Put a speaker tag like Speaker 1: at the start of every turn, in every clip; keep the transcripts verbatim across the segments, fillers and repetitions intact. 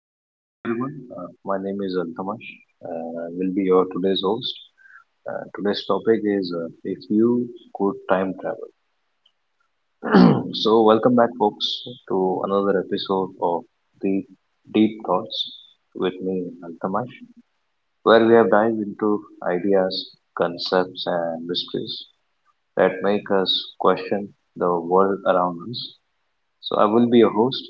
Speaker 1: So, hi everyone. Uh, my name is Altamash. Uh, I will be your today's host. Uh, today's topic is uh, if you could time travel. So, welcome back, folks, to another episode of Deep Deep Thoughts with me, Altamash, where we have dived into ideas, concepts, and mysteries that make us question the world around us. So, I will be your host.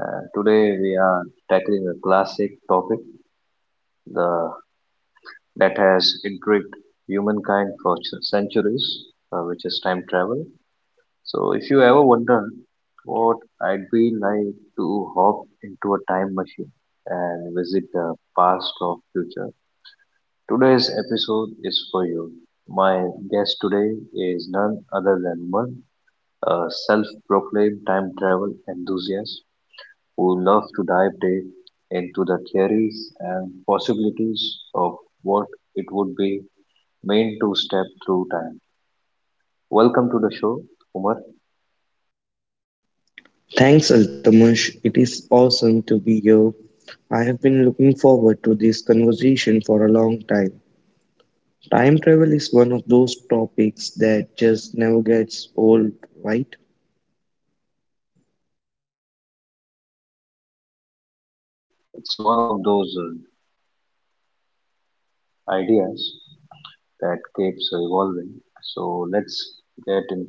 Speaker 1: Uh, today, we are tackling a classic topic the that has intrigued humankind for centuries, uh, which is time travel. So, if you ever wonder what I'd be like to hop into a time machine and visit the past or future, today's episode is for you. My guest today is none other than one, a self proclaimed time travel enthusiast who loves to dive deep into the theories and possibilities of what it would be Main two step through time. Welcome to the show, Umar.
Speaker 2: Thanks, Altamush. It is awesome to be here. I have been looking forward to this conversation for a long time. Time travel is one of those topics that just never gets old, right?
Speaker 1: Yeah, absolute, uh, Umar. It's one of those uh, ideas that keeps evolving. So let's get into it.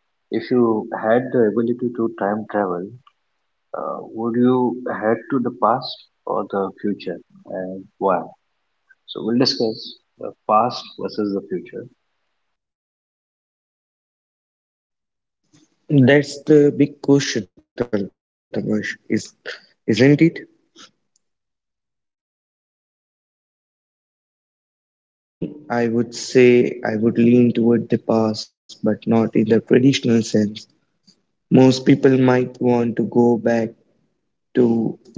Speaker 1: If you had the ability to time travel, uh, would you head to the past or the future, and why? So we'll discuss the past versus the future.
Speaker 2: That's the big question, Altamush, is, isn't it? For me, I would say I would lean toward the past, but not in the traditional sense. Most people might want to go back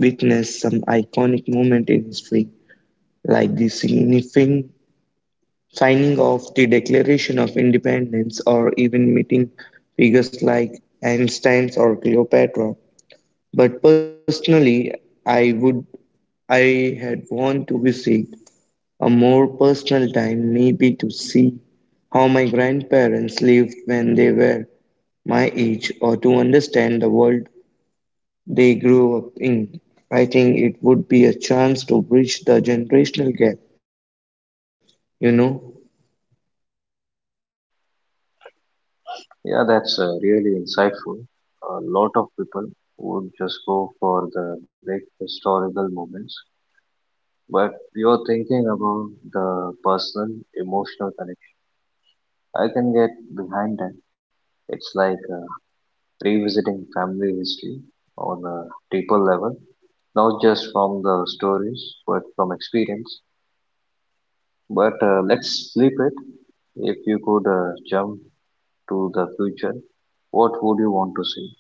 Speaker 2: to witness some iconic moment in history, like the significant signing of the Declaration of Independence, or even meeting figures like Einstein or Cleopatra. But personally, I would I had want to visit a more personal time, maybe to see how my grandparents lived when they were my age, or to understand the world they grew up in. I think it would be a chance to bridge the generational gap, you know.
Speaker 1: Yeah, that's uh, really insightful. A lot of people would just go for the big historical moments, but we were thinking about the personal, emotional connection. I can get behind that. It's like uh, revisiting family history on a deeper level, not just from the stories, but from experience. But uh, let's flip it. If you could uh, jump to the future, what would you want to see?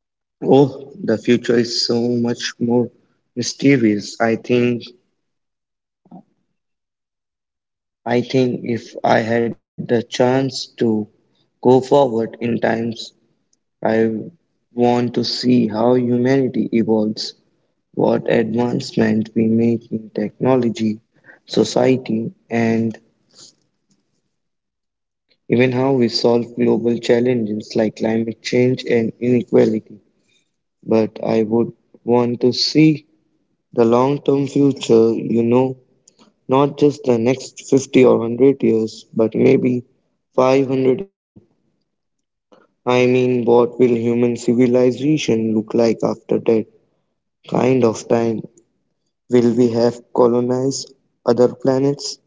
Speaker 2: Oh, the future is so much more mysterious. I think I think if I had the chance to go forward in times, I want to see how humanity evolves, what advancement we make in technology, society, and even how we solve global challenges like climate change and inequality. But I would want to see the long term future, you know. Not just the next fifty or one hundred years, but maybe five hundred years from now. I mean, what will human civilization look like after that kind of time? Will we have colonized other planets?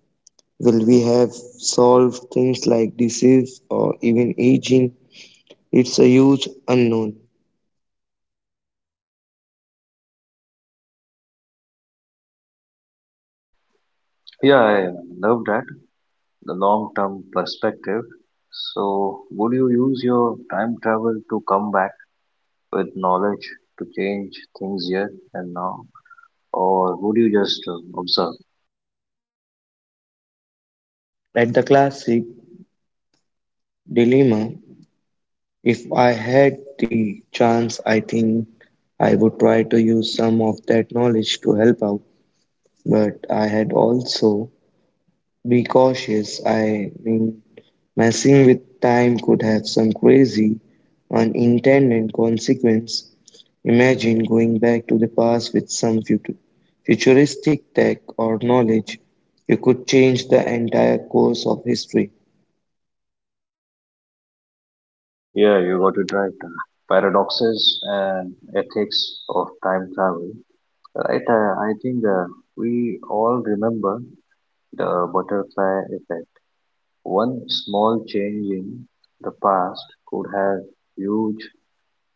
Speaker 2: Will we have solved things like disease or even aging? It's a huge unknown.
Speaker 1: Yeah, I love that, the long term perspective. So, would you use your time travel to come back with knowledge to change things here and now? Or would you just uh, observe?
Speaker 2: At the classic dilemma, if I had the chance, I think I would try to use some of that knowledge to help out, but I had also be cautious. I mean, messing with time could have some crazy unintended consequence. Imagine going back to the past with some fut- futuristic tech or knowledge. You could change the entire course of history.
Speaker 1: Yeah, you got it right. Uh, Paradoxes and ethics of time travel. Right, uh, I think uh, we all remember the butterfly effect. One small change in the past could have huge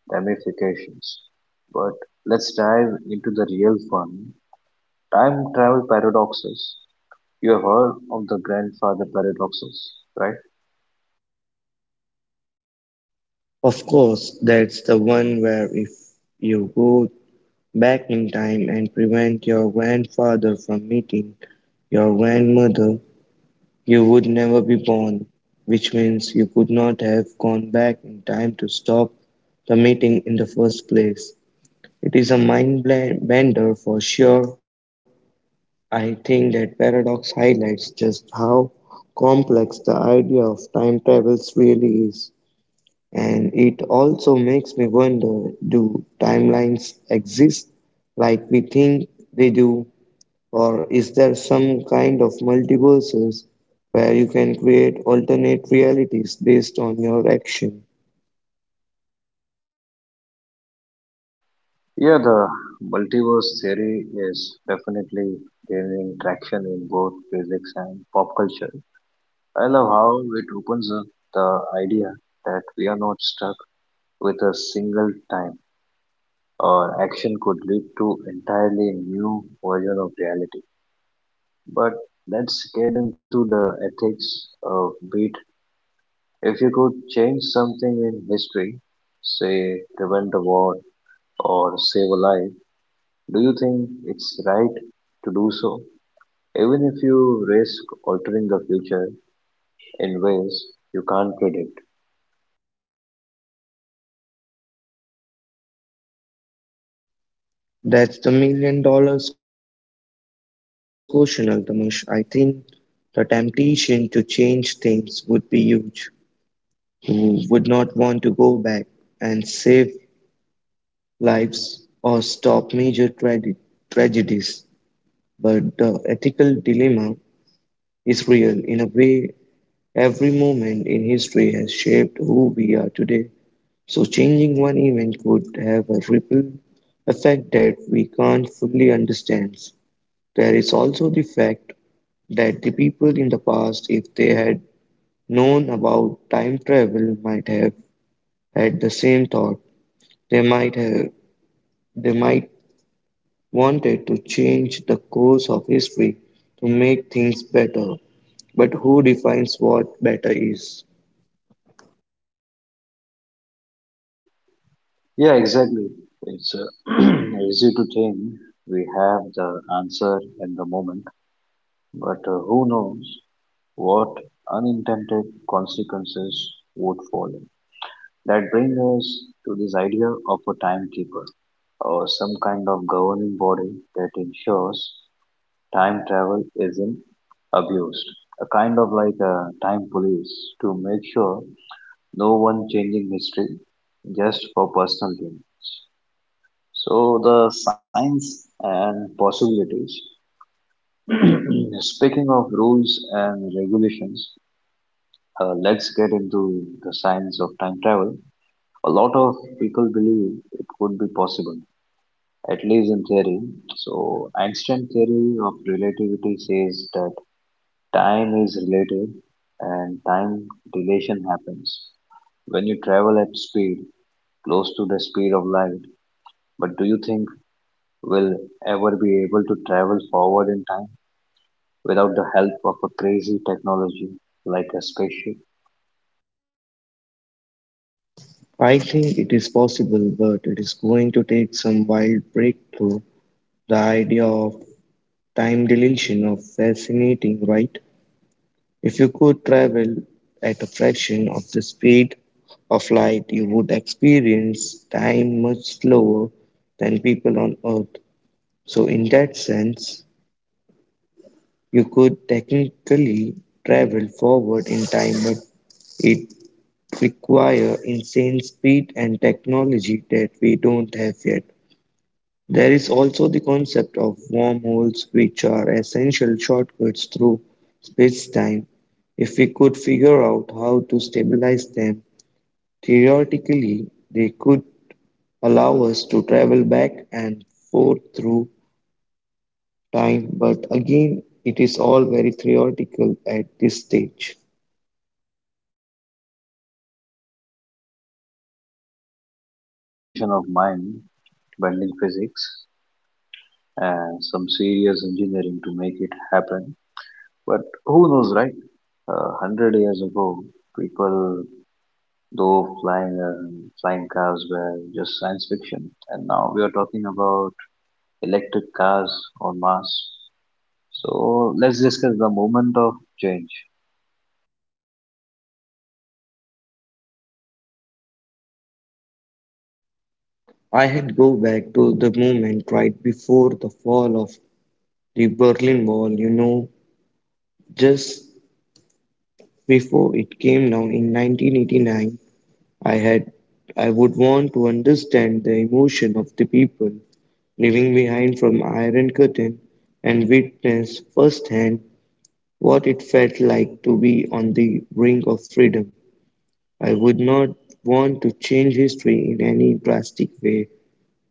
Speaker 1: ramifications. But let's dive into the real fun time travel paradoxes. You have heard of the grandfather paradoxes, right?
Speaker 2: Of course, that's the one where if you go back in time and prevent your grandfather from meeting your grandmother, you would never be born, which means you could not have gone back in time to stop the meeting in the first place. It is a mind bla- bender for sure. I think that paradox highlights just how complex the idea of time travels really is. And it also makes me wonder, do timelines exist like we think they do? Or is there some kind of multiverses where you can create alternate realities based on your action?
Speaker 1: Yeah, the multiverse theory is definitely gaining traction in both physics and pop culture. I love how it opens up the idea that we are not stuck with a single time, or action could lead to entirely new version of reality. But let's get into the ethics of beat. If you could change something in history, say prevent the war or save a life, do you think it's right to do so, even if you risk altering the future in ways you can't predict?
Speaker 2: That's the million dollars question, Altamash. I think the temptation to change things would be huge. Who would not want to go back and save lives or stop major trage- tragedies? But the ethical dilemma is real. In a way, every moment in history has shaped who we are today. So, changing one event could have a ripple effect that we can't fully understand. There is also the fact that the people in the past, if they had known about time travel, might have had the same thought. They might have, they might wanted to change the course of history to make things better. But who defines what better is?
Speaker 1: Yeah, exactly. It's uh, easy to think we have the answer at the moment, but uh, who knows what unintended consequences would follow. That brings us to this idea of a timekeeper or some kind of governing body that ensures time travel isn't abused. A kind of like a time police to make sure no one changing history just for personal gain. So the science and possibilities. Speaking of rules and regulations, uh, let's get into the science of time travel. A lot of people believe it could be possible, at least in theory. So Einstein theory of relativity says that time is relative and time dilation happens when you travel at speed close to the speed of light, but do you think we'll ever be able to travel forward in time without the help of a crazy technology like a spaceship?
Speaker 2: I think it is possible, but it is going to take some wild breakthrough. The idea of time dilation is fascinating, right? If you could travel at a fraction of the speed of light, you would experience time much slower than people on Earth. So, in that sense, you could technically travel forward in time, but it requires insane speed and technology that we don't have yet. There is also the concept of wormholes, which are essential shortcuts through space-time. If we could figure out how to stabilize them, theoretically, they could allow us to travel back and forth through time, but again, it is all very theoretical at this stage.
Speaker 1: So uh, we might need a combination of mind bending physics and some serious engineering to make it happen, but who knows, right? uh, one hundred years ago, people though flying and flying cars were just science fiction, and now we are talking about electric cars on mars. So let's discuss the moment of change.
Speaker 2: I had go back to the moment right before the fall of the Berlin Wall, you know, just before it came down in nineteen eighty-nine. I had I would want to understand the emotion of the people living behind from Iron Curtain and witness firsthand what it felt like to be on the brink of freedom. I would not want to change history in any drastic way,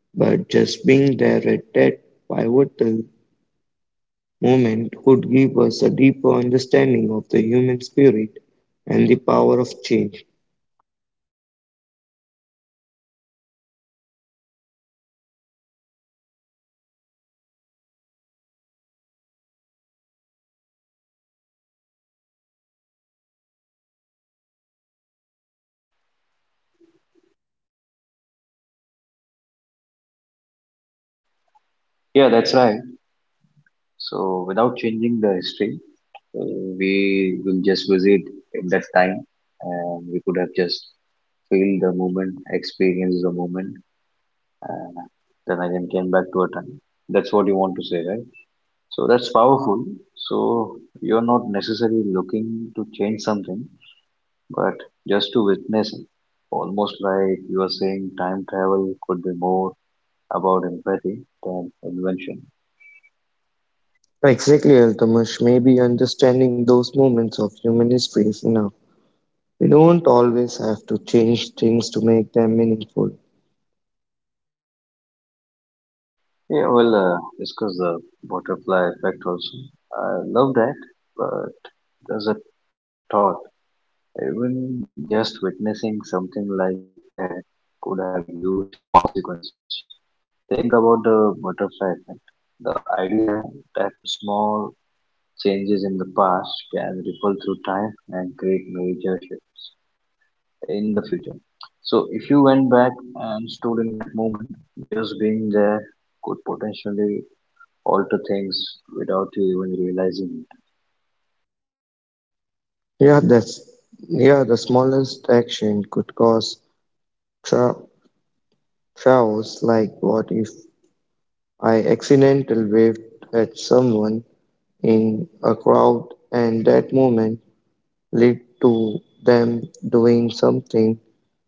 Speaker 2: but just being there at that pivotal moment would give us a deeper understanding of the human spirit and the power of change.
Speaker 1: Yeah, that's right. Uh, without changing the history, uh, just uh, live in that time. Yeah. Yeah, that's right. So without changing the history, uh, we will just visit in that time, and we could have just feel the moment, experience the moment, and then again came back to a time. That's what you want to say, right? So that's powerful. So you're not necessarily looking to change something, but just to witness it. Almost like you are saying time travel could be more about empathy than invention.
Speaker 2: Exactly, Altamash. Maybe understanding those moments of human history is enough. We don't always have to change things to make them meaningful.
Speaker 1: Yeah, well, uh, discuss the butterfly effect also. I love that, but there's a thought. Even just witnessing something like that could have huge consequences. Think about the butterfly effect. The idea that small changes in the past can ripple through time and create major shifts in the future. So, if you went back and stood in that moment, just being there could potentially alter things without you even realizing it.
Speaker 2: Yeah, that's yeah. The smallest action could cause tra- chaos. Like, what if I accidental waved at someone in a crowd, and that moment led to them doing something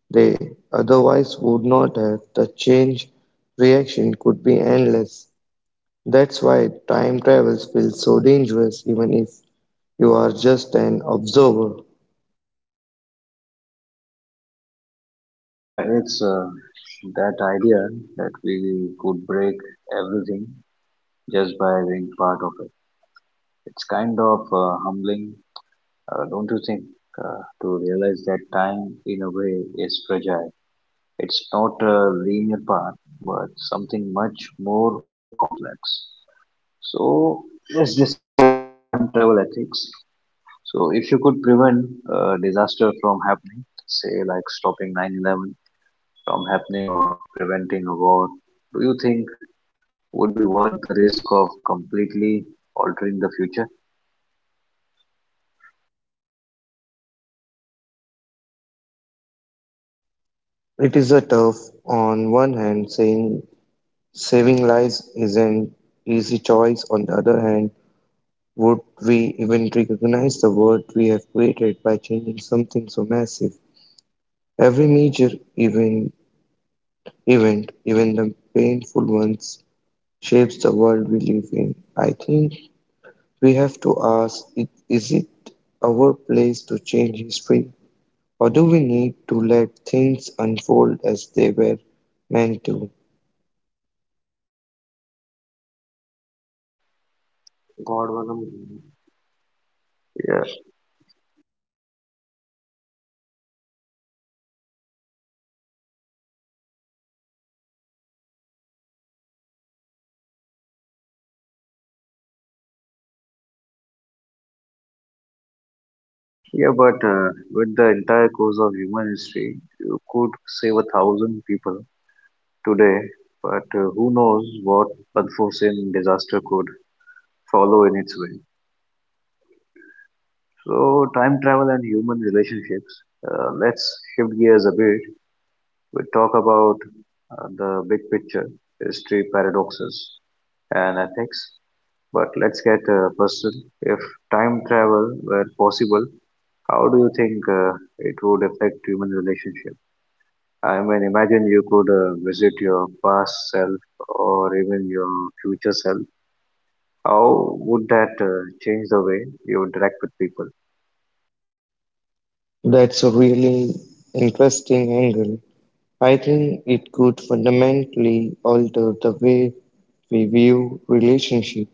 Speaker 2: they otherwise would not have. The change reaction could be endless. That's why time travels feels so dangerous, even if you are just an observer.
Speaker 1: Yeah, it's uh, that idea that we could break everything just by being part of it. It's kind of uh, humbling, uh, don't you think, uh, to realize that time, in a way, is fragile. It's not a linear path, but something much more complex. So, let's discuss the time travel ethics. So, if you could prevent a disaster from happening, say like stopping nine eleven from happening or preventing a war, do you think would be worth the risk of completely altering the future?
Speaker 2: It is a tough, on one hand, saying saving lives is an easy choice. On the other hand, would we even recognize the world we have created by changing something so massive? Every major even, event, even the painful ones, shapes the world we live in. I think we have to ask: it- Is it our place to change history? Or do we need to let things unfold as they were meant to?
Speaker 1: God, one of— yeah, yeah, but uh, with the entire course of human history, you could save a thousand people today, but uh, who knows what unforeseen disaster could follow in its way. So, time travel and human relationships. Uh, let's shift gears a bit. We talk about uh, the big picture, history paradoxes, and ethics. But let's get uh, personal. If time travel were possible, how do you think uh, it would affect human relationship? I mean, imagine you could uh, visit your past self or even your future self. How would that uh, change the way you interact with people?
Speaker 2: That's a really interesting angle. I think it could fundamentally alter the way we view relationship.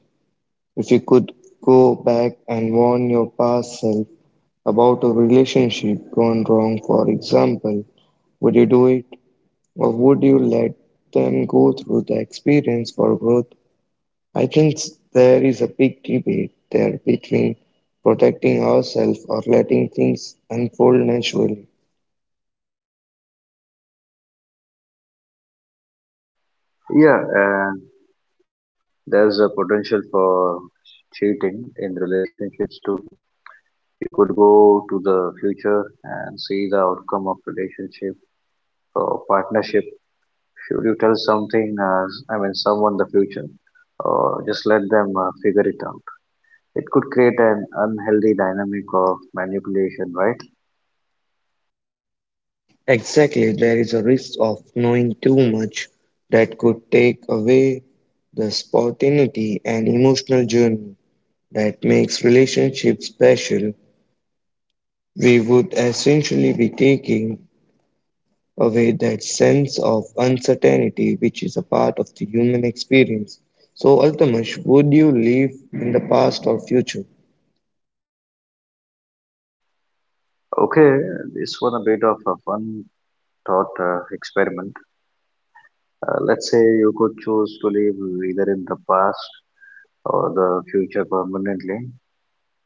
Speaker 2: If you could go back and warn your past self about a relationship gone wrong, for example, would you do it? Or would you let them go through the experience for growth. I think s- there is a big debate there between protecting ourselves or letting things unfold naturally.
Speaker 1: Yeah, and there's a potential for cheating in relationships too. You could go to the future and see the outcome of relationship or partnership. Should you tell something uh, I mean someone the future, or just let them uh, figure it out? It could create an unhealthy dynamic of manipulation, right?
Speaker 2: Exactly, there is a risk of knowing too much that could take away the spontaneity and emotional journey that makes relationships special. We would essentially be taking away that sense of uncertainty which is a part of the human experience. So, Altamash, would you live in the past or future?
Speaker 1: Okay, this one a bit of a fun thought uh, experiment. Uh, let's say you could choose to live either in the past or the future permanently.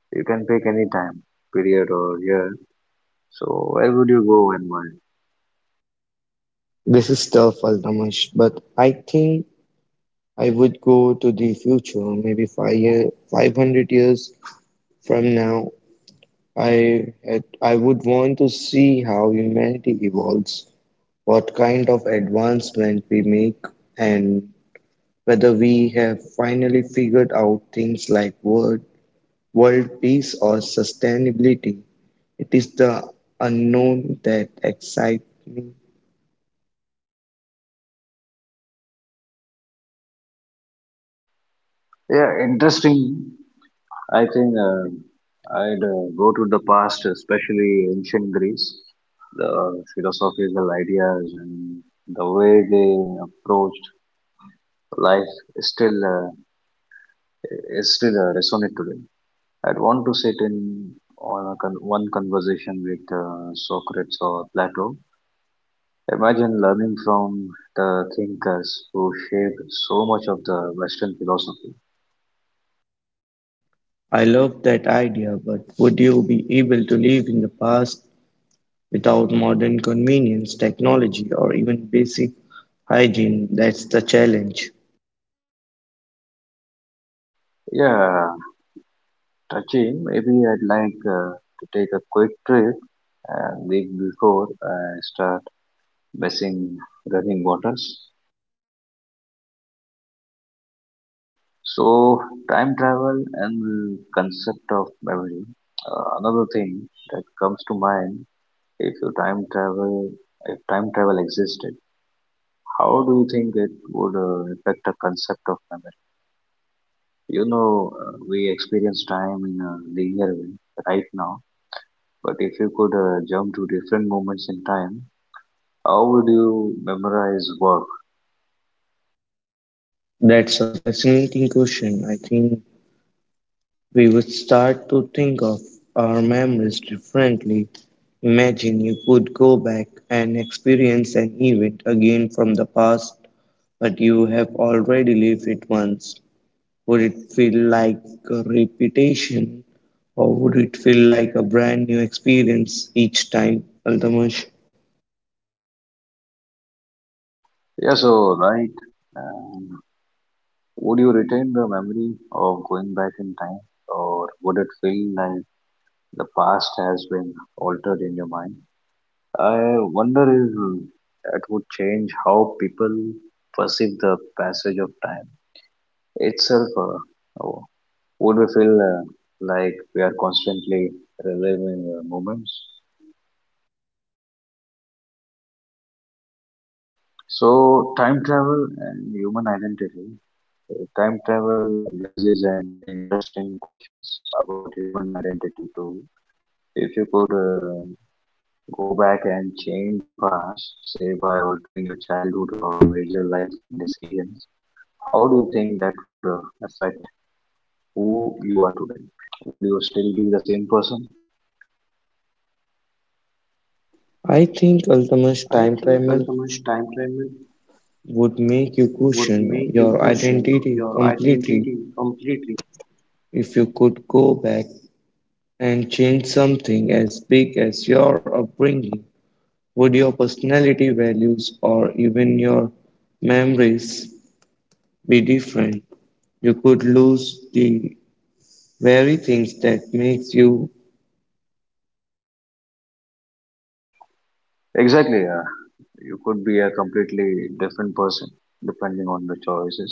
Speaker 1: You can pick any time period or year. So where would you go and why?
Speaker 2: This is tough, Altamash, but I think I would go to the future, maybe five year, five hundred years from now. I had, I would want to see how humanity evolves, what kind of advancement we make, and whether we have finally figured out things like world, world peace or sustainability. It is the unknown that excites me.
Speaker 1: Yeah, interesting. I think um I'd uh, go to the past, especially ancient Greece. The philosophical ideas and the way they approached life is still uh, is still uh, resonant today. I'd want to sit in on a con- one conversation with uh, Socrates or Plato. Imagine learning from the thinkers who shaped so much of the Western philosophy.
Speaker 2: I love that idea, but would you be able to live in the past without modern convenience, technology, or even basic hygiene? That's the challenge.
Speaker 1: Yeah, touching. Maybe I'd like uh, to take a quick trip uh, week before I start basing running waters. So time travel and concept of memory. Uh, another thing that comes to mind if you time travel if time travel existed, how do you think it would uh, affect the concept of memory? You know, uh, we experience time in a linear way right now, but if you could uh, jump to different moments in time, how would you memorize work?
Speaker 2: That's a fascinating question. I think we would start to think of our memories differently. Imagine you could go back and experience an event again from the past, but you have already lived it once. Would it feel like a repetition or would it feel like a brand new experience each time, Altamash?
Speaker 1: Yeah, so right. Um, Would you retain the memory of going back in time, or would it feel like the past has been altered in your mind? I wonder if that would change how people perceive the passage of time itself. Uh, oh, would we feel uh, like we are constantly reliving uh, moments? So, time travel and human identity. Uh, Time travel raises an interesting questions about human identity too. If you could uh, go back and change your past, say by altering your childhood or major life decisions, how do you think that would uh, affect who you are today? Would you still be the same person?
Speaker 2: I
Speaker 1: I
Speaker 2: think,
Speaker 1: think
Speaker 2: Altamash,
Speaker 1: Alchemist time
Speaker 2: time
Speaker 1: travel
Speaker 2: travel would
Speaker 1: would make
Speaker 2: make you
Speaker 1: you question
Speaker 2: question your
Speaker 1: your identity
Speaker 2: identity
Speaker 1: completely.
Speaker 2: completely if you could go back and change something as big as your upbringing. Would your personality values or even your memories be different? You could lose the very things that makes you.
Speaker 1: Exactly. Yeah. You could be a completely different person depending on the choices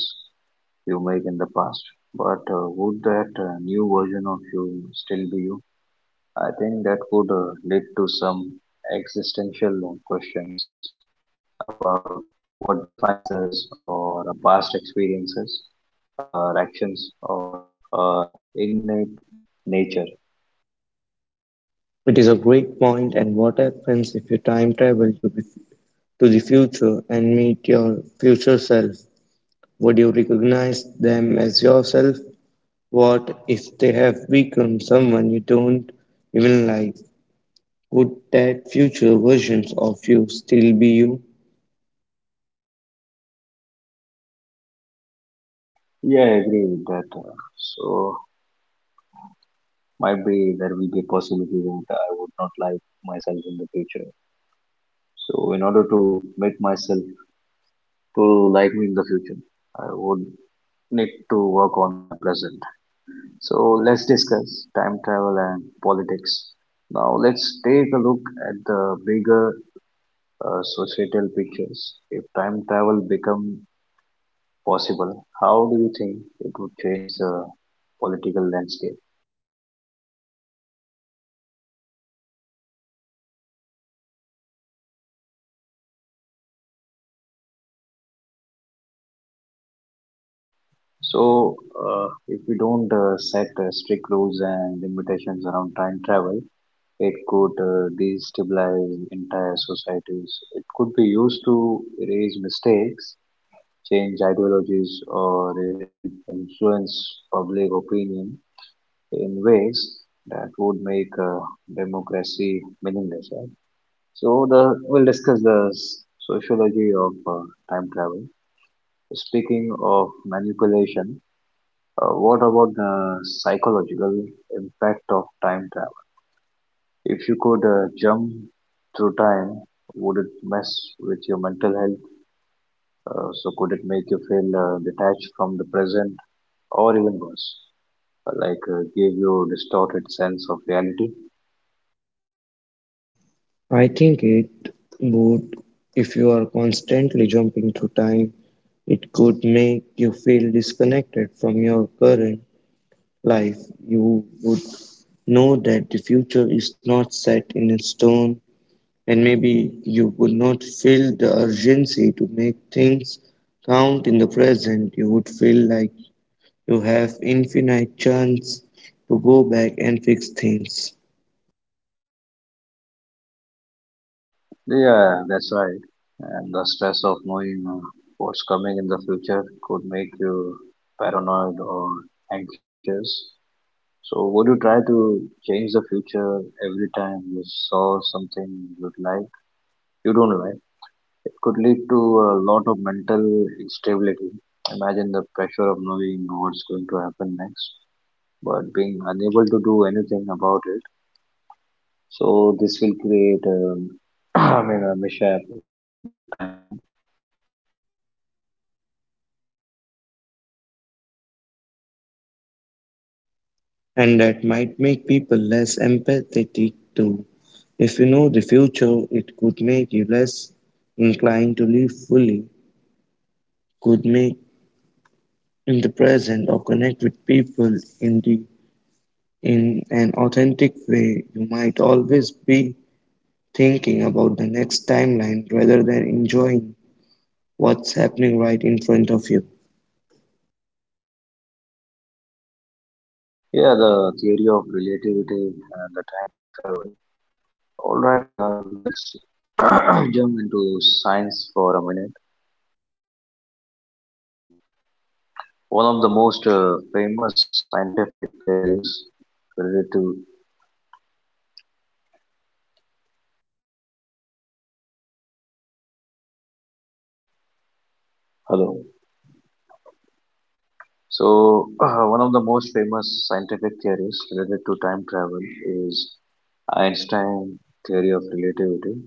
Speaker 1: you make in the past. But uh, would that uh, new version of you still be you? I think that could uh, lead to some existential questions about what defines us, or our past experiences, our actions, or our innate nature.
Speaker 2: It is a great point, and what happens if you time travel to the, to the future and meet your future self? Would you recognize them as yourself? What if they have become someone you don't even like? Would that future versions of you still be you?
Speaker 1: Yeah, I agree with that. uh, So, might be there will be a possibility that I would not like myself in the future. So in order to make myself to like me in the future, I would need to work on my present. So let's discuss time travel and politics. Now let's take a look at the bigger uh, societal pictures. If time travel become possible, how do you think it would change the political landscape? So, uh, if we don't uh, set uh, strict rules and limitations around time travel, it could uh, destabilize entire societies. It could be used to erase mistakes, change ideologies, or even influence public opinion in ways that would make uh, democracy meaningless. Right? So, the we'll discuss the s- sociology of uh, time travel. Speaking of manipulation. Uh, what about the psychological impact of time travel? If you could uh, jump through time, would it mess with your mental health? Uh, so could it make you feel uh, detached from the present, or even worse, uh, like uh, give you distorted sense of reality?
Speaker 2: I think it would if you are constantly jumping through time. It could make you feel disconnected from your current life. You would know that the future is not set in stone, and maybe you would not feel the urgency to make things count in the present. You would feel like you have infinite chance to go back and fix things.
Speaker 1: Yeah, that's right. And the stress of knowing uh, what's coming in the future could make you paranoid or anxious. So would you try to change the future every time you saw something you'd like, you don't like? It could lead to a lot of mental instability. Imagine the pressure of knowing what's going to happen next, but being unable to do anything about it. So this will create, um, I mean, a mishap in the timeline.
Speaker 2: And that might make people less empathetic too. If you know the future, it could make you less inclined to live fully, could make in the present or connect with people in the in an authentic way, you might always be thinking about the next timeline rather than enjoying what's happening right in front of you.
Speaker 1: Yeah, the theory of relativity and the time travel. All right, uh, let's jump into science for a minute. One of the most uh, famous scientific theories related to one of the, hello. So uh, one of the most famous scientific theories related to time travel is Einstein theory of relativity.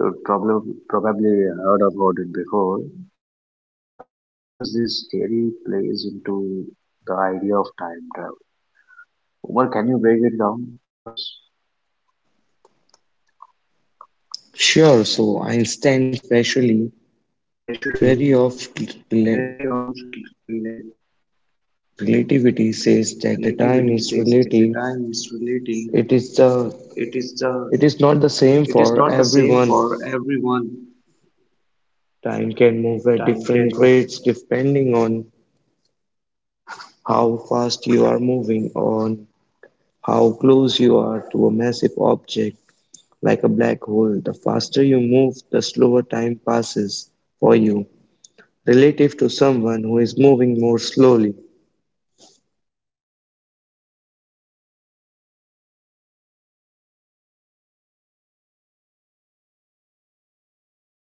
Speaker 1: You probably probably heard about it before, but uh, how does this theory plays into the idea of time travel? Umar, can you break it down for us?
Speaker 2: Sure, so Einstein's specially theory of rela- relativity says that the time is relative. It is the it is not the same for everyone. Time can move at different rates depending on how fast you are moving, on how close you are to a massive object like a black hole. The faster you move, the slower time passes for you, relative to someone who is moving more slowly.
Speaker 1: So if you are traveling close to the speed of light,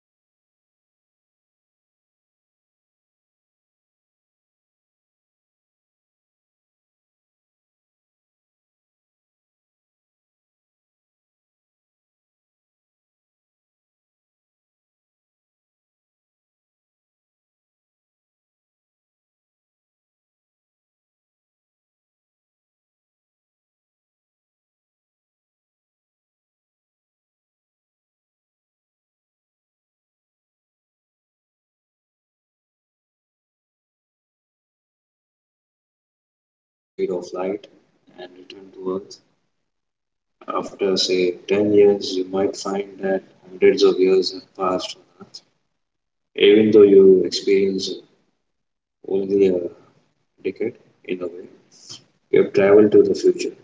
Speaker 1: uh, time for you would actually slow down. So, like uh, this is called uh, time dilation. If we are on a spaceship moving at nearly the speed of light and return to Earth after say ten years, you might find that hundreds of years have passed for you, even though you experience only a decade in a way. You have traveled to the future.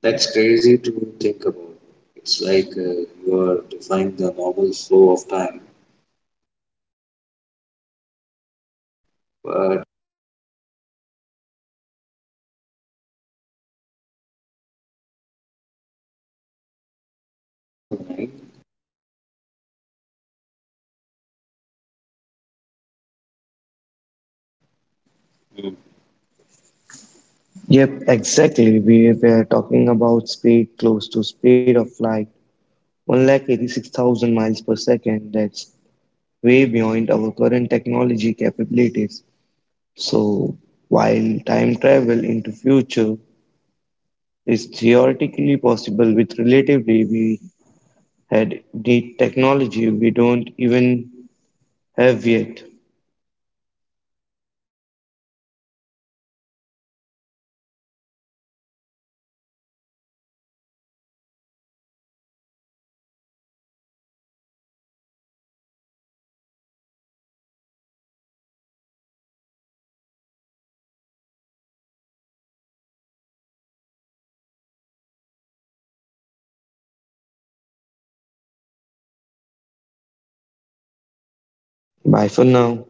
Speaker 1: That's crazy to think about. It's like uh, you are defying the normal flow of time just by traveling fast enough. But here's the catch, you need to travel really fast, right?
Speaker 2: Yep, exactly. We were talking about speed close to speed of light, one lakh eighty-six thousand miles per second. That's way beyond our current technology capabilities. So, while time travel into future is theoretically possible with relatively, we had the technology we don't even have yet.
Speaker 1: Yeah, exactly. So, still, we have more time to do time travel because we are not yet uh, too much advanced. So, nice talking to you, and uh, hope we enjoyed this topic of time travel. Uh, Nice talking to you. Uh, hope we'll uh, meet soon in the next pod- podcast. Thank you for joining.
Speaker 2: Bye for now.